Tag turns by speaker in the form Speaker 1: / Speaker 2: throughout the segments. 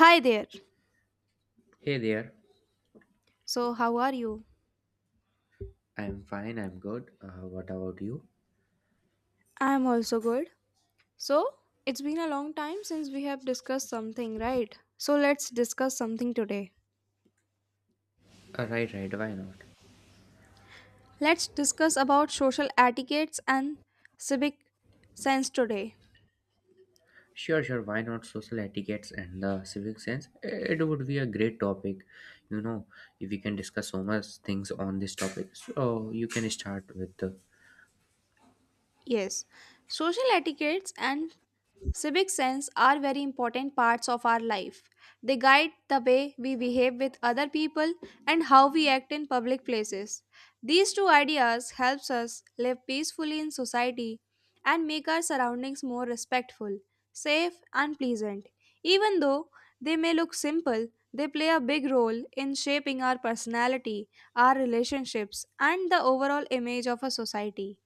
Speaker 1: Hi there.
Speaker 2: Hey there.
Speaker 1: So, how are you?
Speaker 2: I'm fine, I'm good. What about you?
Speaker 1: I'm also good. So, it's been a long time since we have discussed something, right? So, let's discuss something today.
Speaker 2: Right, right, why not?
Speaker 1: Let's discuss about social etiquettes and civic sense today.
Speaker 2: Sure, sure, why not social etiquettes and the civic sense? It would be a great topic. You know, if we can discuss so much things on this topic. So you can start with the
Speaker 1: Yes, social etiquettes and civic sense are very important parts of our life. They guide the way we behave with other people and how we act in public places. These two ideas helps us live peacefully in society and make our surroundings more respectful, safe and pleasant. Even though they may look simple, they play a big role in shaping our personality, our relationships and the overall image of a society.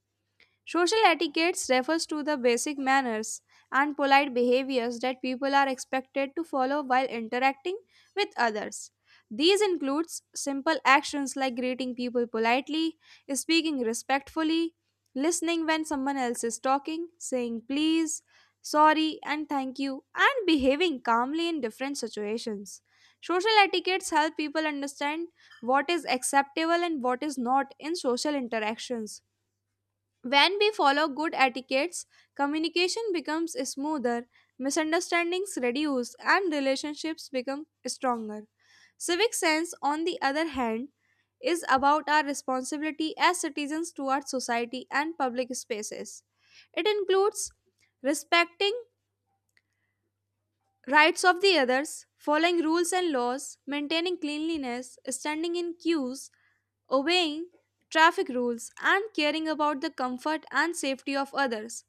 Speaker 1: Social etiquette refers to the basic manners and polite behaviors that people are expected to follow while interacting with others. These includes simple actions like greeting people politely, speaking respectfully, listening when someone else is talking, saying please, sorry, and thank you, and behaving calmly in different situations. Social etiquettes help people understand what is acceptable and what is not in social interactions. When we follow good etiquettes, communication becomes smoother, misunderstandings reduce, and relationships become stronger. Civic sense, on the other hand, is about our responsibility as citizens towards society and public spaces. It includes respecting rights of the others, following rules and laws, maintaining cleanliness, standing in queues, obeying traffic rules, and caring about the comfort and safety of others.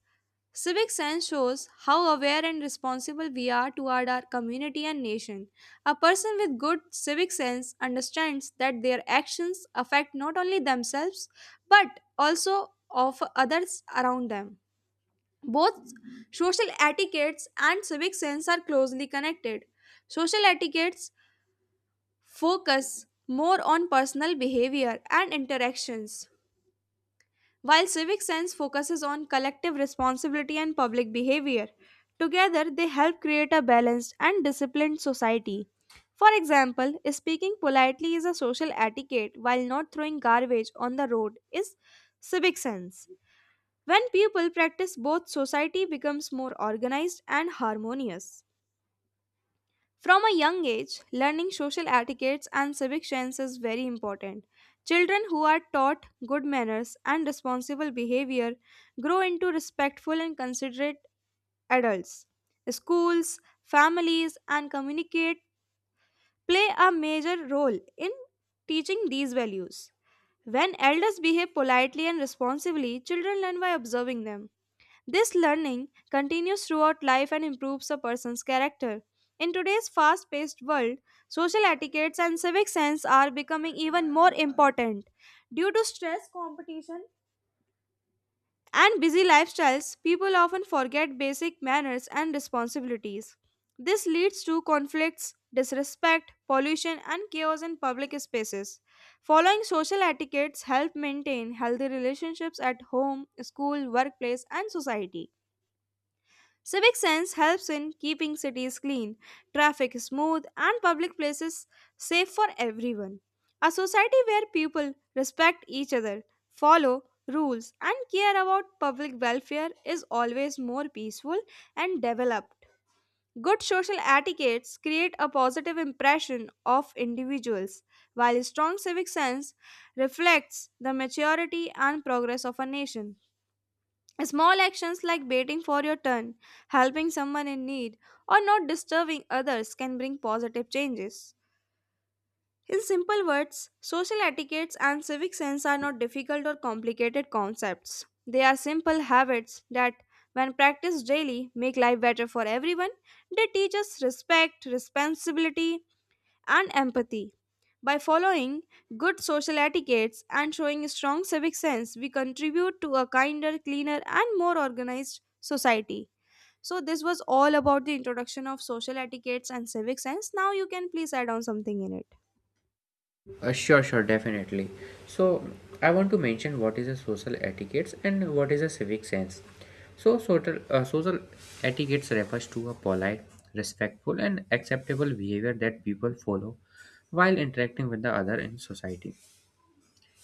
Speaker 1: Civic sense shows how aware and responsible we are toward our community and nation. A person with good civic sense understands that their actions affect not only themselves but also of others around them. Both social etiquettes and civic sense are closely connected. Social etiquettes focus more on personal behavior and interactions, while civic sense focuses on collective responsibility and public behavior. Together they help create a balanced and disciplined society. For example, speaking politely is a social etiquette while not throwing garbage on the road is civic sense. When people practice both, society becomes more organized and harmonious. From a young age, learning social etiquettes and civic sense is very important. Children who are taught good manners and responsible behavior grow into respectful and considerate adults. Schools, families, and communicate play a major role in teaching these values. When elders behave politely and responsibly, children learn by observing them. This learning continues throughout life and improves a person's character. In today's fast paced world, social etiquettes and civic sense are becoming even more important. Due to stress, competition, and busy lifestyles, people often forget basic manners and responsibilities. This leads to conflicts, disrespect, pollution, and chaos in public spaces. Following social etiquettes help maintain healthy relationships at home, school, workplace, and society. Civic sense helps in keeping cities clean, traffic smooth, and public places safe for everyone. A society where people respect each other, follow rules, and care about public welfare is always more peaceful and developed. Good social etiquettes create a positive impression of individuals, while strong civic sense reflects the maturity and progress of a nation. Small actions like waiting for your turn, helping someone in need, or not disturbing others can bring positive changes. In simple words, social etiquettes and civic sense are not difficult or complicated concepts. They are simple habits that, when practiced daily, make life better for everyone. They teach us respect, responsibility, and empathy. By following good social etiquettes and showing a strong civic sense, we contribute to a kinder, cleaner, and more organized society. So, this was all about the introduction of social etiquettes and civic sense. Now, you can please add on something in it.
Speaker 2: Uh, Sure, sure, definitely. So, I want to mention what is a social etiquette and what is a civic sense. So, social etiquette refers to a polite, respectful, and acceptable behavior that people follow while interacting with the other in society.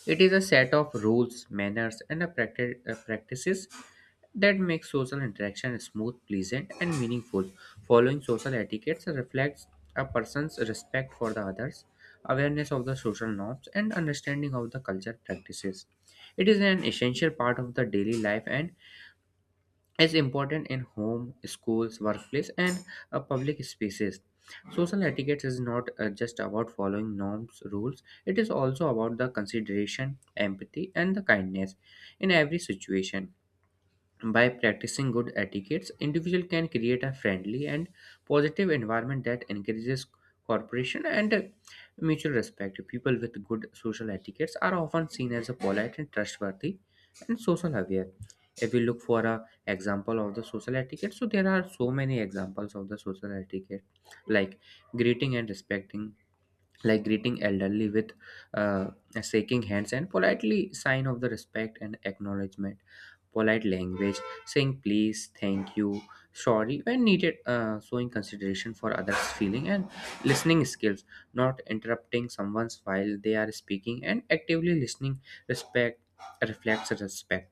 Speaker 2: It is a set of rules, manners, and a practices that make social interaction smooth, pleasant, and meaningful. Following social etiquettes reflects a person's respect for the others, awareness of the social norms, and understanding of the culture practices. It is an essential part of the daily life and is important in home, schools, workplace, and public spaces. Social etiquette is not just about following norms, rules, it is also about the consideration, empathy, and the kindness in every situation. By practicing good etiquettes, individual can create a friendly and positive environment that encourages cooperation and mutual respect. People with good social etiquettes are often seen as a polite and trustworthy and social aware. If we look for a example of the social etiquette, so there are so many examples of the social etiquette, like greeting and respecting, like greeting elderly with uh, shaking hands and politely sign of the respect and acknowledgement, polite language, saying please, thank you, sorry when needed, showing consideration for others feeling, and listening skills, not interrupting someone's while they are speaking and actively listening, respect reflects respect.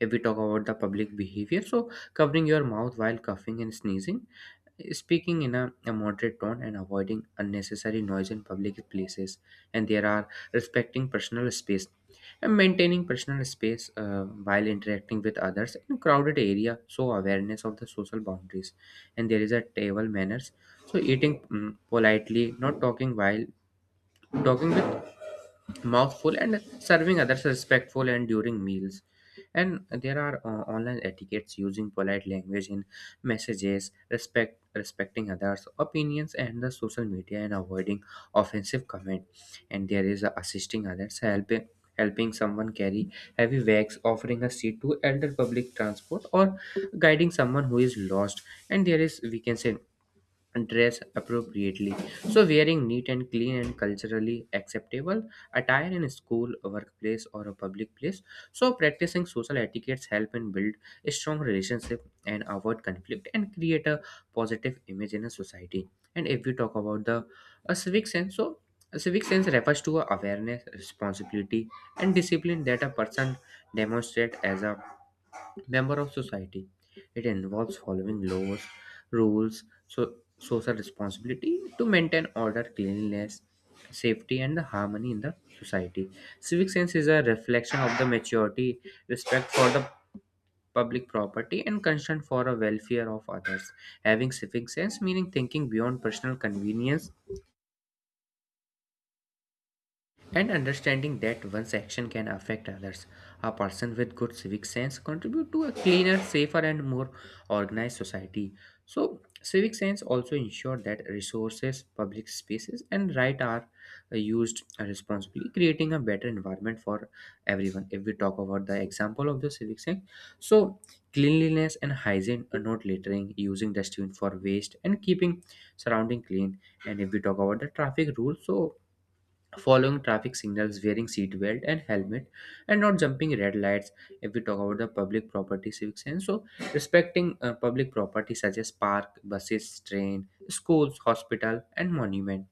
Speaker 2: If we talk about the public behavior, so covering your mouth while coughing and sneezing, speaking in a moderate tone and avoiding unnecessary noise in public places, and there are respecting personal space and maintaining personal space while interacting with others in crowded area, so awareness of the social boundaries. And there is a table manners, so eating politely, not talking while talking with mouthful, and serving others respectful and during meals. And there are online etiquettes, using polite language in messages, respecting others opinions and the social media and avoiding offensive comment. And there is assisting others, helping someone carry heavy bags, offering a seat to elder public transport, or guiding someone who is lost. And there is, we can say, dress appropriately. So, wearing neat and clean and culturally acceptable attire in a school, a workplace, or a public place. So, practicing social etiquettes help in build a strong relationship and avoid conflict and create a positive image in a society. And if we talk about the a civic sense, so a civic sense refers to a awareness, responsibility, and discipline that a person demonstrates as a member of society. It involves following laws, rules, so social responsibility to maintain order, cleanliness, safety, and the harmony in the society. Civic sense is a reflection of the maturity, respect for the public property, and concern for the welfare of others. Having civic sense meaning thinking beyond personal convenience and understanding that one's action can affect others. A person with good civic sense contribute to a cleaner, safer and more organized society. So civic sense also ensure that resources, public spaces and right are used responsibly, creating a better environment for everyone. If we talk about the example of the civic sense, so cleanliness and hygiene are not littering, using dustbin for waste and keeping surrounding clean. And if we talk about the traffic rules, so following traffic signals, wearing seat belt and helmet, and not jumping red lights. If we talk about the public property civic sense, so respecting public property such as park, buses, train, schools, hospital, and monument.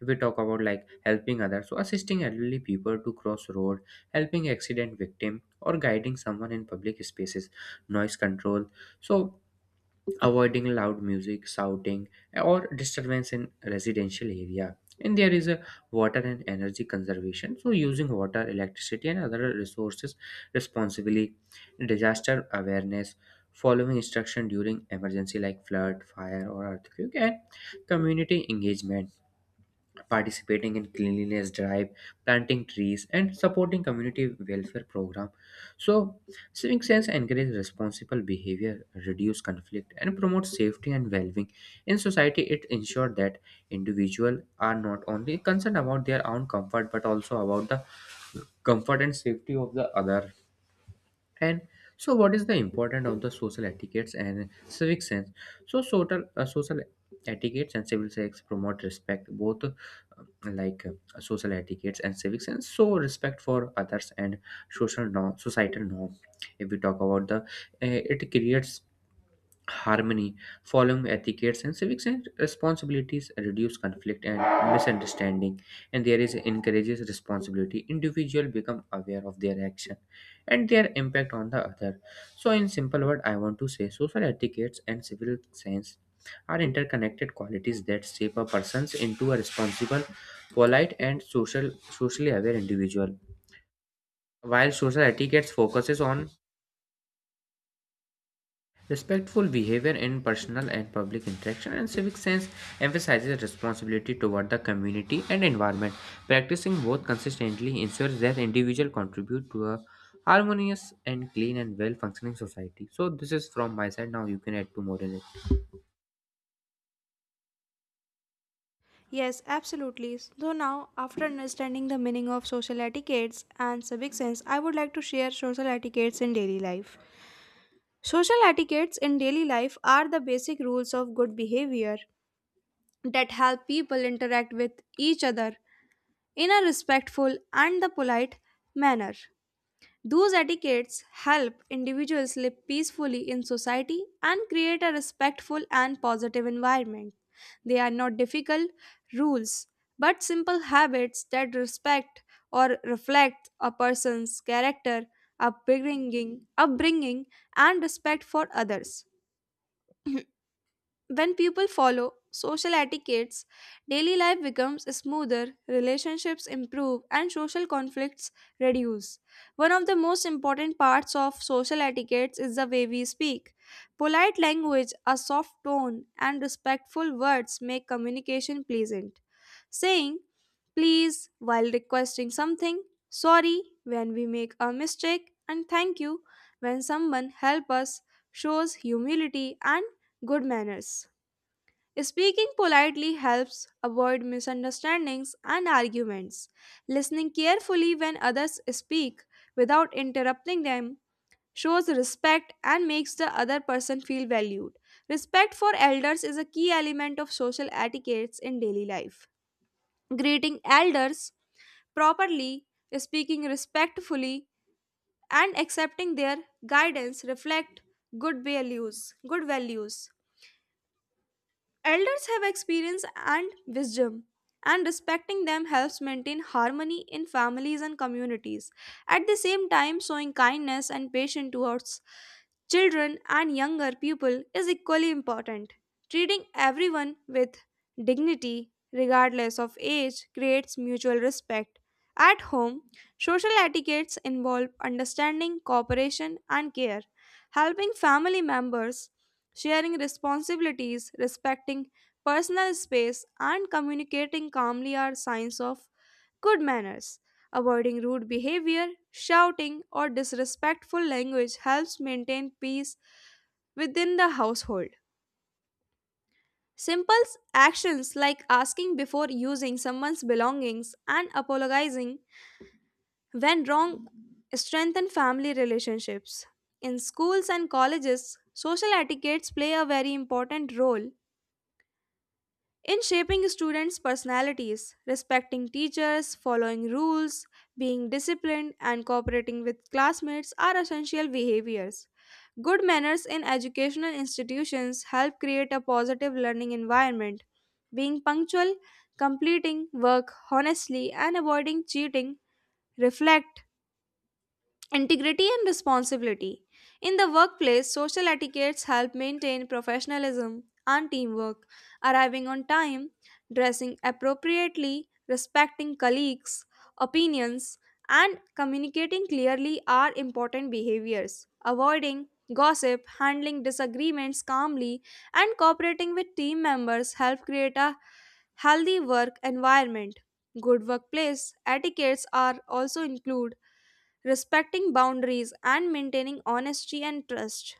Speaker 2: If we talk about like helping others, so assisting elderly people to cross road, helping accident victim, or guiding someone in public spaces, noise control. So avoiding loud music, shouting, or disturbance in residential area. And there is a water and energy conservation. So using water, electricity, and other resources responsibly, disaster awareness, following instruction during emergency like flood, fire, or earthquake, and community engagement, participating in cleanliness drive, planting trees and supporting community welfare program. So civic sense encourages responsible behavior, reduce conflict and promote safety and well-being in society. It ensures that individuals are not only concerned about their own comfort but also about the comfort and safety of the other. And so, what is the importance of the social etiquettes and civic sense? So, social etiquettes and civil sense promote respect, both social etiquettes and civic sense. So, respect for others and social norm, societal norm. If we talk about the, it creates harmony, following etiquettes and civics and responsibilities reduce conflict and misunderstanding, and there is encourages responsibility. Individual become aware of their action and their impact on the other. So, in simple word, I want to say social etiquettes and civil sense are interconnected qualities that shape a person's into a responsible, polite, and socially aware individual. While social etiquettes focuses on respectful behavior in personal and public interaction, and civic sense emphasizes responsibility toward the community and environment. Practicing both consistently ensures that individuals contribute to a harmonious and clean and well functioning society. So this is from my side. Now you can add to more in it.
Speaker 1: Yes, absolutely. So now, after understanding the meaning of social etiquettes and civic sense, I would like to share social etiquettes in daily life. Social etiquettes in daily life are the basic rules of good behavior that help people interact with each other in a respectful and the polite manner. Those etiquettes help individuals live peacefully in society and create a respectful and positive environment. They are not difficult rules, but simple habits that respect or reflect a person's character, upbringing and respect for others. When people follow social etiquettes, daily life becomes smoother, relationships improve, and social conflicts reduce. One of the most important parts of social etiquettes is the way we speak. Polite language, a soft tone, and respectful words make communication pleasant. Saying please while requesting something, sorry when we make a mistake, and thank you when someone helps us shows humility and good manners. Speaking politely helps avoid misunderstandings and arguments. Listening carefully when others speak without interrupting them shows respect and makes the other person feel valued. Respect for elders is a key element of social etiquettes in daily life. Greeting elders properly, speaking respectfully, and accepting their guidance reflect good values. Elders have experience and wisdom, and respecting them helps maintain harmony in families and communities. At the same time, showing kindness and patience towards children and younger people is equally important. Treating everyone with dignity, regardless of age, creates mutual respect. At home, social etiquettes involve understanding, cooperation, and care. Helping family members, sharing responsibilities, respecting personal space, and communicating calmly are signs of good manners. Avoiding rude behavior, shouting, or disrespectful language helps maintain peace within the household. Simple actions like asking before using someone's belongings and apologizing when wrong strengthen family relationships. In schools and colleges, social etiquettes play a very important role in shaping students' personalities. Respecting teachers, following rules, being disciplined, and cooperating with classmates are essential behaviors. Good manners in educational institutions help create a positive learning environment. Being punctual, completing work honestly, and avoiding cheating reflect integrity and responsibility. In the workplace, social etiquettes help maintain professionalism and teamwork. Arriving on time, dressing appropriately, respecting colleagues' opinions, and communicating clearly are important behaviors. Avoiding gossip, handling disagreements calmly, and cooperating with team members help create a healthy work environment. Good workplace etiquettes are also include respecting boundaries, and maintaining honesty and trust.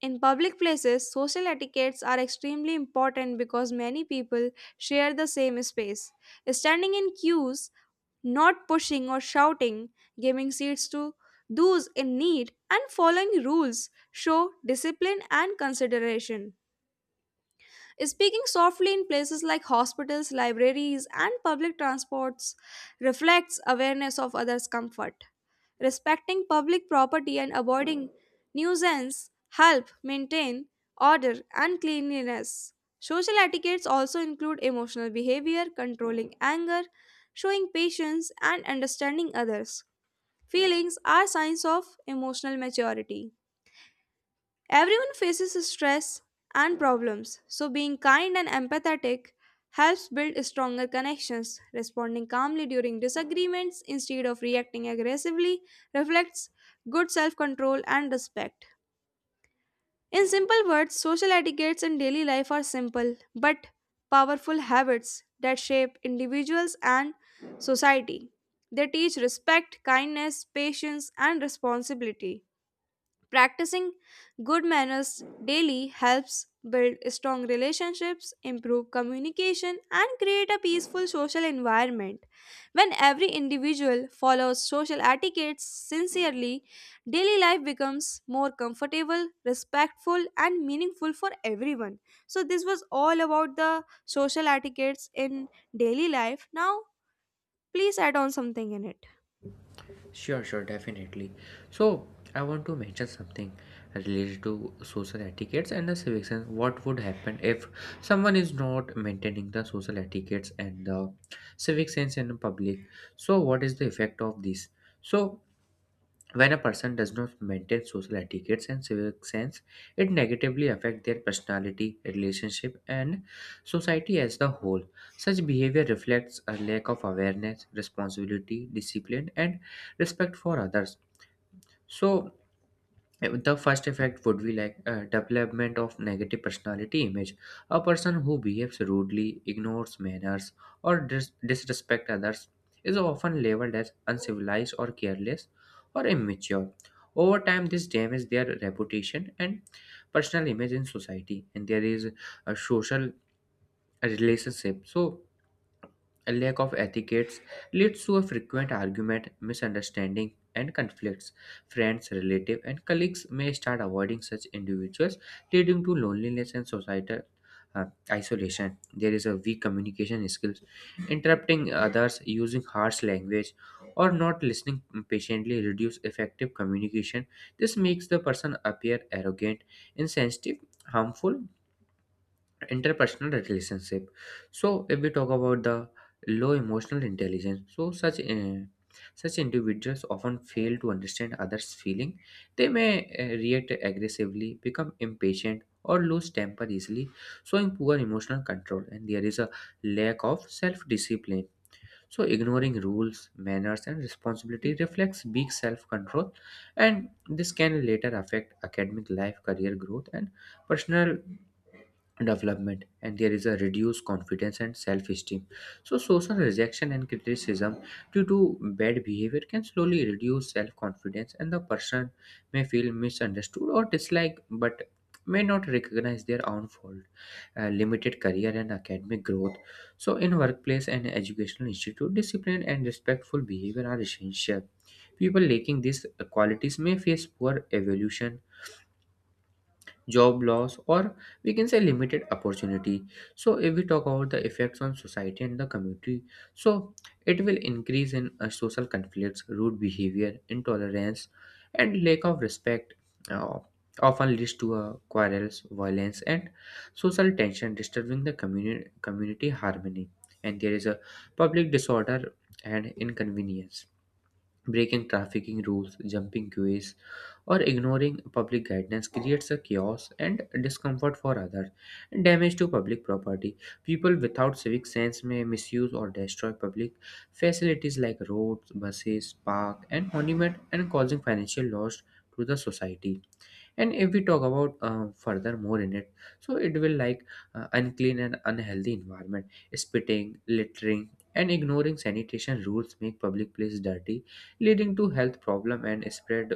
Speaker 1: In public places, social etiquettes are extremely important because many people share the same space. Standing in queues, not pushing or shouting, giving seats to those in need, and following rules show discipline and consideration. Speaking softly in places like hospitals, libraries, and public transports reflects awareness of others' comfort. Respecting public property and avoiding nuisance help maintain order and cleanliness. Social etiquettes also include emotional behavior. Controlling anger, showing patience, and understanding others' feelings are signs of emotional maturity. Everyone faces stress and problems, so being kind and empathetic helps build stronger connections. Responding calmly during disagreements instead of reacting aggressively reflects good self control and respect. In simple words, social etiquettes in daily life are simple but powerful habits that shape individuals and society. They teach respect, kindness, patience, and responsibility. Practicing good manners daily helps build strong relationships, improve communication, and create a peaceful social environment. When every individual follows social etiquettes sincerely, daily life becomes more comfortable, respectful, and meaningful for everyone. So, this was all about the social etiquettes in daily life. Now, please add on something in it.
Speaker 2: Sure, sure, definitely. So, I want to mention something related to social etiquettes and the civic sense. What would happen if someone is not maintaining the social etiquettes and the civic sense in public? So, what is the effect of this? So, when a person does not maintain social etiquettes and civic sense, it negatively affects their personality, relationship, and society as the whole. Such behavior reflects a lack of awareness, responsibility, discipline, and respect for others. So the first effect would be like a development of negative personality image. A person who behaves rudely, ignores manners, or disrespect others is often labeled as uncivilized or careless or immature. Over time, this damages their reputation and personal image in society, and there is a social relationship. So, a lack of etiquettes leads to a frequent argument, misunderstanding, and conflicts. Friends, relatives, and colleagues may start avoiding such individuals, leading to loneliness and societal uh, isolation. There is a weak communication skills, interrupting others, using harsh language, or not listening patiently reduce effective communication. This makes the person appear arrogant, insensitive, harmful, interpersonal relationship. So if we talk about the low emotional intelligence, so such individuals often fail to understand others feeling. They may react aggressively, become impatient or lose temper easily, showing poor emotional control. And there is a lack of self discipline, so ignoring rules, manners and responsibility reflects weak self control, and this can later affect academic life, career growth, and personal development. And there is a reduced confidence and self-esteem, so social rejection and criticism due to bad behavior can slowly reduce self-confidence and the person may feel misunderstood or disliked but may not recognize their own fault. Limited career and academic growth, so in workplace and educational institute discipline and respectful behavior are essential. People lacking these qualities may face poor evolution, job loss, or we can say limited opportunity. So, if we talk about the effects on society and the community, so it will increase in social conflicts, rude behavior, intolerance, and lack of respect. uh, Often leads to quarrels, violence, and social tension, disturbing the community harmony. And there is a public disorder and inconvenience. Breaking trafficking rules, jumping queues, or ignoring public guidance creates a chaos and discomfort for others and damage to public property. People without civic sense may misuse or destroy public facilities like roads, buses, park, and monument, and causing financial loss to the society. And if we talk about further more in it, so it will like unclean and unhealthy environment, spitting, littering and ignoring sanitation rules make public place dirty, leading to health problem and spread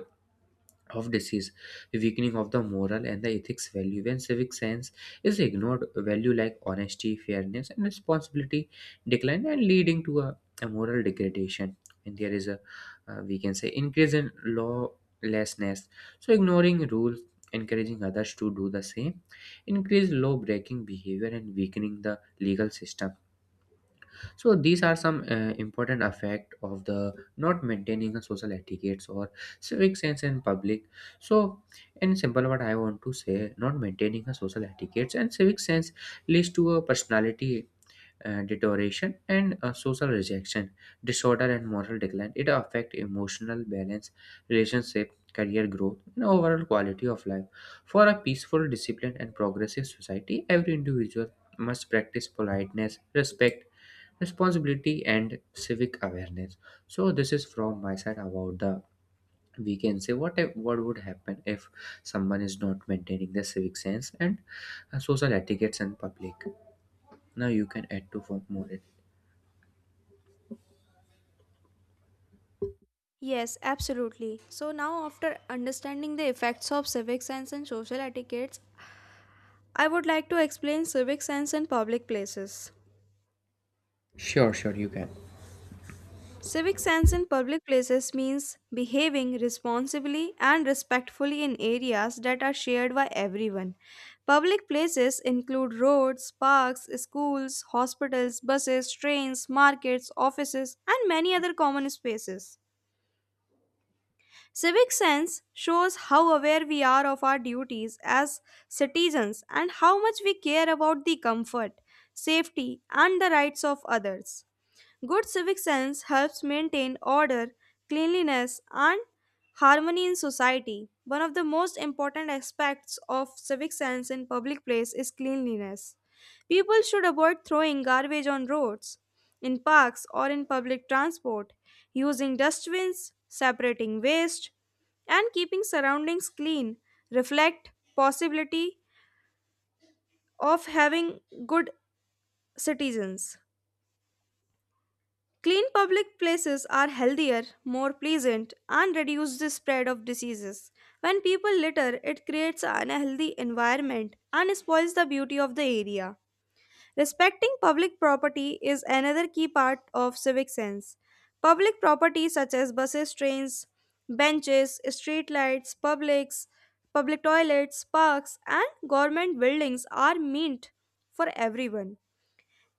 Speaker 2: of disease, weakening of the moral and the ethics value. When civic sense is ignored, value like honesty, fairness, and responsibility decline and leading to a moral degradation. And there is we can say, increase in lawlessness. So ignoring rules, encouraging others to do the same, increase law breaking behavior and weakening the legal system. So these are some important effect of the not maintaining a social etiquettes or civic sense in public. So in simple what I want to say, not maintaining a social etiquettes and civic sense leads to a personality deterioration and social rejection, disorder and moral decline. It affects emotional balance, relationship, career growth, and overall quality of life. For a peaceful, disciplined, and progressive society, every individual must practice politeness, respect, responsibility, and civic awareness. So this is from my side about the, we can say, what if, what would happen if someone is not maintaining the civic sense and social etiquettes in public. Now you can add to for more.
Speaker 1: Yes, absolutely. So now after understanding the effects of civic science and social etiquettes, I would like to explain civic science in public places.
Speaker 2: Sure, sure, you can.
Speaker 1: Civic sense in public places means behaving responsibly and respectfully in areas that are shared by everyone. Public places include roads, parks, schools, hospitals, buses, trains, markets, offices, and many other common spaces. Civic sense shows how aware we are of our duties as citizens and how much we care about the comfort, safety, and the rights of others. Good civic sense helps maintain order, cleanliness, and harmony in society. One of the most important aspects of civic sense in public place is cleanliness. People should avoid throwing garbage on roads, in parks, or in public transport. Using dustbins, separating waste, and keeping surroundings clean reflect possibility of having good citizens. Clean public places are healthier, more pleasant, and reduce the spread of diseases. When people litter, it creates an unhealthy environment and spoils the beauty of the area. Respecting public property is another key part of civic sense. Public property such as buses, trains, benches, street lights, publics, public toilets, parks, and government buildings are meant for everyone.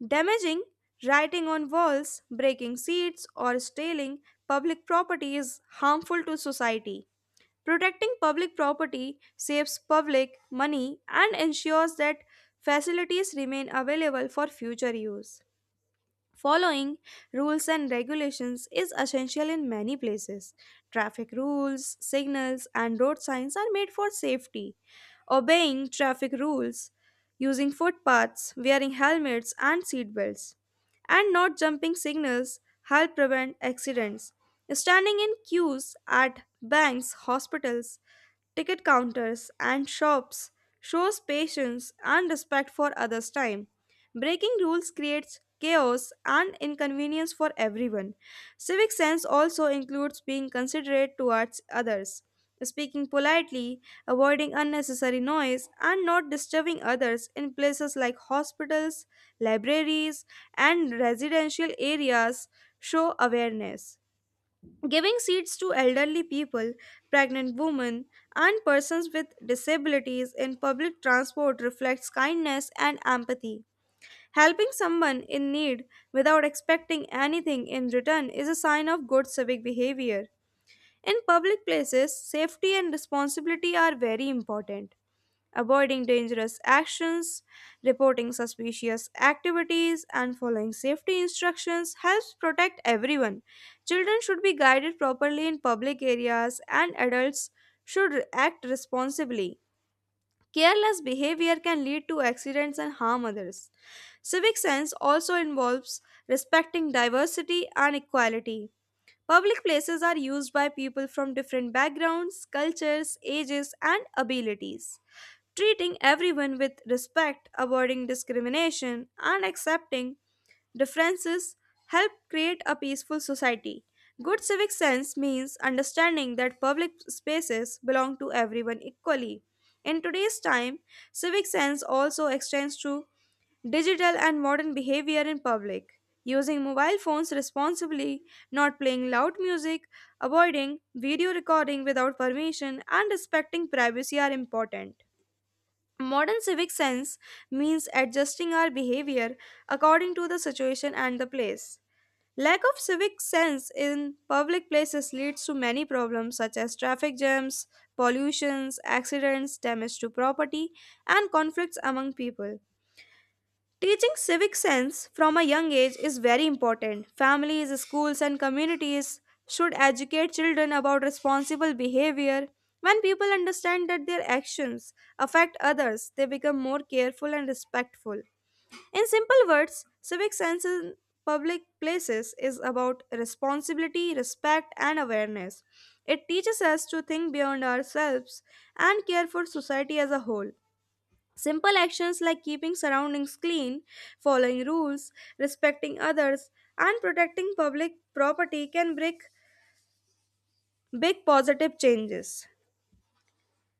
Speaker 1: Damaging, writing on walls, breaking seats, or stealing public property is harmful to society. Protecting public property saves public money and ensures that facilities remain available for future use. Following rules and regulations is essential in many places. Traffic rules, signals, and road signs are made for safety. Obeying traffic rules, using footpaths, wearing helmets and seatbelts, and not jumping signals help prevent accidents. Standing in queues at banks, hospitals, ticket counters, and shops shows patience and respect for others' time. Breaking rules creates chaos and inconvenience for everyone. Civic sense also includes being considerate towards others. Speaking politely, avoiding unnecessary noise, and not disturbing others in places like hospitals, libraries, and residential areas show awareness. Giving seats to elderly people, pregnant women, and persons with disabilities in public transport reflects kindness and empathy. Helping someone in need without expecting anything in return is a sign of good civic behavior. In public places, safety and responsibility are very important. Avoiding dangerous actions, reporting suspicious activities, and following safety instructions helps protect everyone. Children should be guided properly in public areas, and adults should act responsibly. Careless behavior can lead to accidents and harm others. Civic sense also involves respecting diversity and equality. Public places are used by people from different backgrounds, cultures, ages, and abilities. Treating everyone with respect, avoiding discrimination, and accepting differences help create a peaceful society. Good civic sense means understanding that public spaces belong to everyone equally. In today's time, civic sense also extends to digital and modern behavior in public. Using mobile phones responsibly, not playing loud music, avoiding video recording without permission, and respecting privacy are important. Modern civic sense means adjusting our behavior according to the situation and the place. Lack of civic sense in public places leads to many problems such as traffic jams, pollutions, accidents, damage to property, and conflicts among people. Teaching civic sense from a young age is very important. Families, schools, and communities should educate children about responsible behavior. When people understand that their actions affect others, they become more careful and respectful. In simple words, civic sense in public places is about responsibility, respect, and awareness. It teaches us to think beyond ourselves and care for society as a whole. Simple actions like keeping surroundings clean, following rules, respecting others, and protecting public property can bring big positive changes.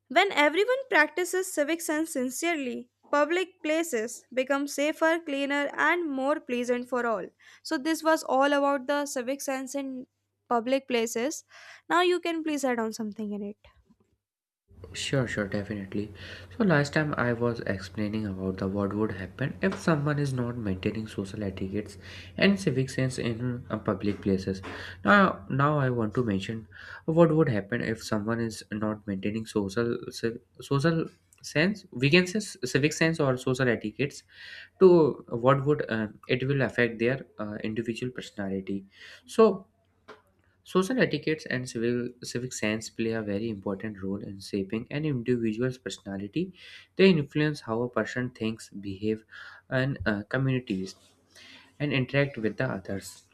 Speaker 1: When everyone practices civic sense sincerely, public places become safer, cleaner, and more pleasant for all. So, this was all about the civic sense in public places. Now, you can please add on something in it.
Speaker 2: Sure, sure, definitely. So, last time I was explaining about the what would happen if someone is not maintaining social etiquettes and civic sense in public places. Now I want to mention what would happen if someone is not maintaining social sense. We can say civic sense or social etiquettes. To what would it will affect their individual personality. So. Social etiquettes and civic sense play a very important role in shaping an individual's personality. They influence how a person thinks, behaves, and communities and interact with the others.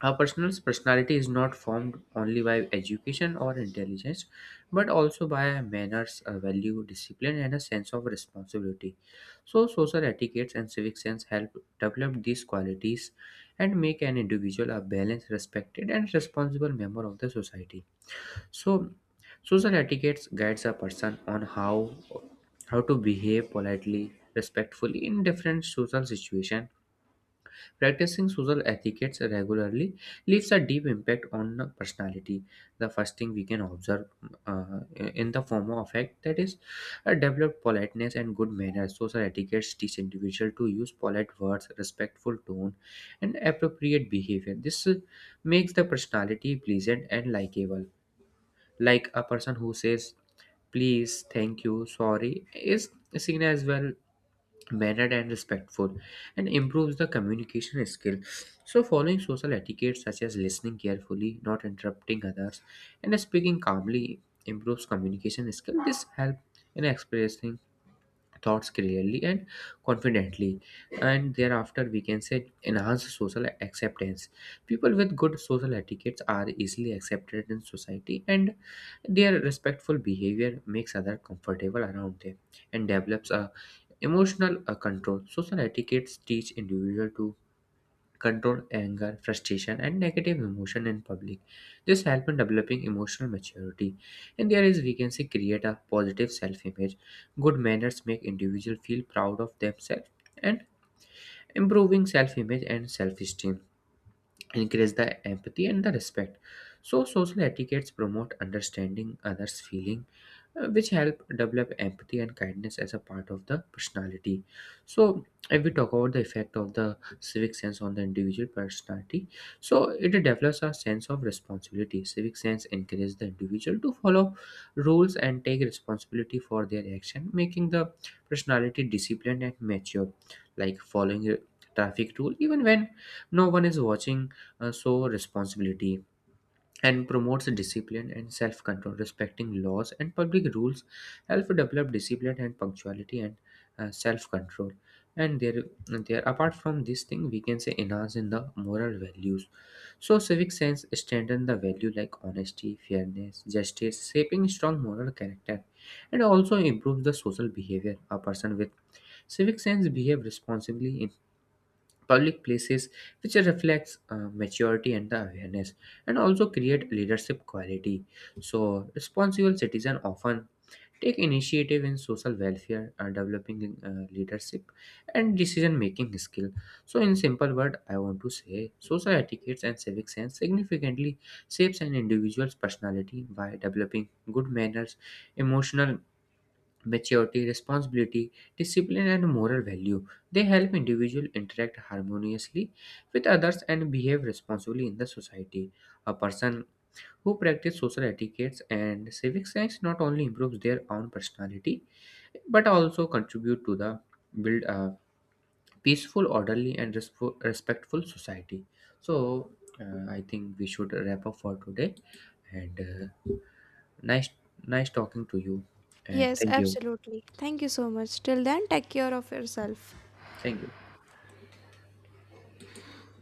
Speaker 2: A person's personality is not formed only by education or intelligence, but also by manners, a value, discipline, and a sense of responsibility. So, social etiquettes and civic sense help develop these qualities and make an individual a balanced, respected, and responsible member of the society. So, social etiquettes guides a person on how to behave politely, respectfully in different social situations. Practicing social etiquettes regularly leaves a deep impact on the personality. The first thing we can observe, uh, in the form of effect, that is a developed politeness and good manners. Social etiquettes teach individual to use polite words, respectful tone, and appropriate behavior. This makes the personality pleasant and likable. Like a person who says please, thank you, sorry is seen as well mannered and respectful, and improves the communication skill. So following social etiquette such as listening carefully, not interrupting others, and speaking calmly improves communication skill. This helps in expressing thoughts clearly and confidently. And thereafter we can say enhance social acceptance. People with good social etiquettes are easily accepted in society, and their respectful behavior makes others comfortable around them, and develops a emotional control. Social etiquettes teach individuals to control anger, frustration, and negative emotion in public. This helps in developing emotional maturity. And there is, we can say, create a positive self-image. Good manners make individuals feel proud of themselves and improving self-image and self-esteem increase the empathy and the respect. So social etiquettes promote understanding others feeling, which help develop empathy and kindness as a part of the personality. So if we talk about the effect of the civic sense on the individual personality, so it develops a sense of responsibility. Civic sense encourages the individual to follow rules and take responsibility for their action, making the personality disciplined and mature, like following traffic rule even when no one is watching. So responsibility and promotes discipline and self-control, respecting laws and public rules help develop discipline and punctuality and self-control. And there apart from this thing we can say enhance in the moral values. So civic sense strengthen the value like honesty, fairness, justice, shaping strong moral character, and also improves the social behavior. A person with civic sense behave responsibly public places, which reflects maturity and the awareness, and also create leadership quality. So responsible citizen often take initiative in social welfare, developing leadership and decision making skill. So in simple word I want to say social etiquettes and civic sense significantly shapes an individual's personality by developing good manners, emotional maturity, responsibility, discipline, and moral value. They help individuals interact harmoniously with others and behave responsibly in the society. A person who practices social etiquettes and civic sense not only improves their own personality but also contribute to the build a peaceful, orderly, and respo- respectful society. So I think we should wrap up for today. And uh, nice, nice talking to you. And
Speaker 1: Yes,
Speaker 2: thank you,
Speaker 1: absolutely. Thank you so much. Till then, take care of yourself.
Speaker 2: thank you.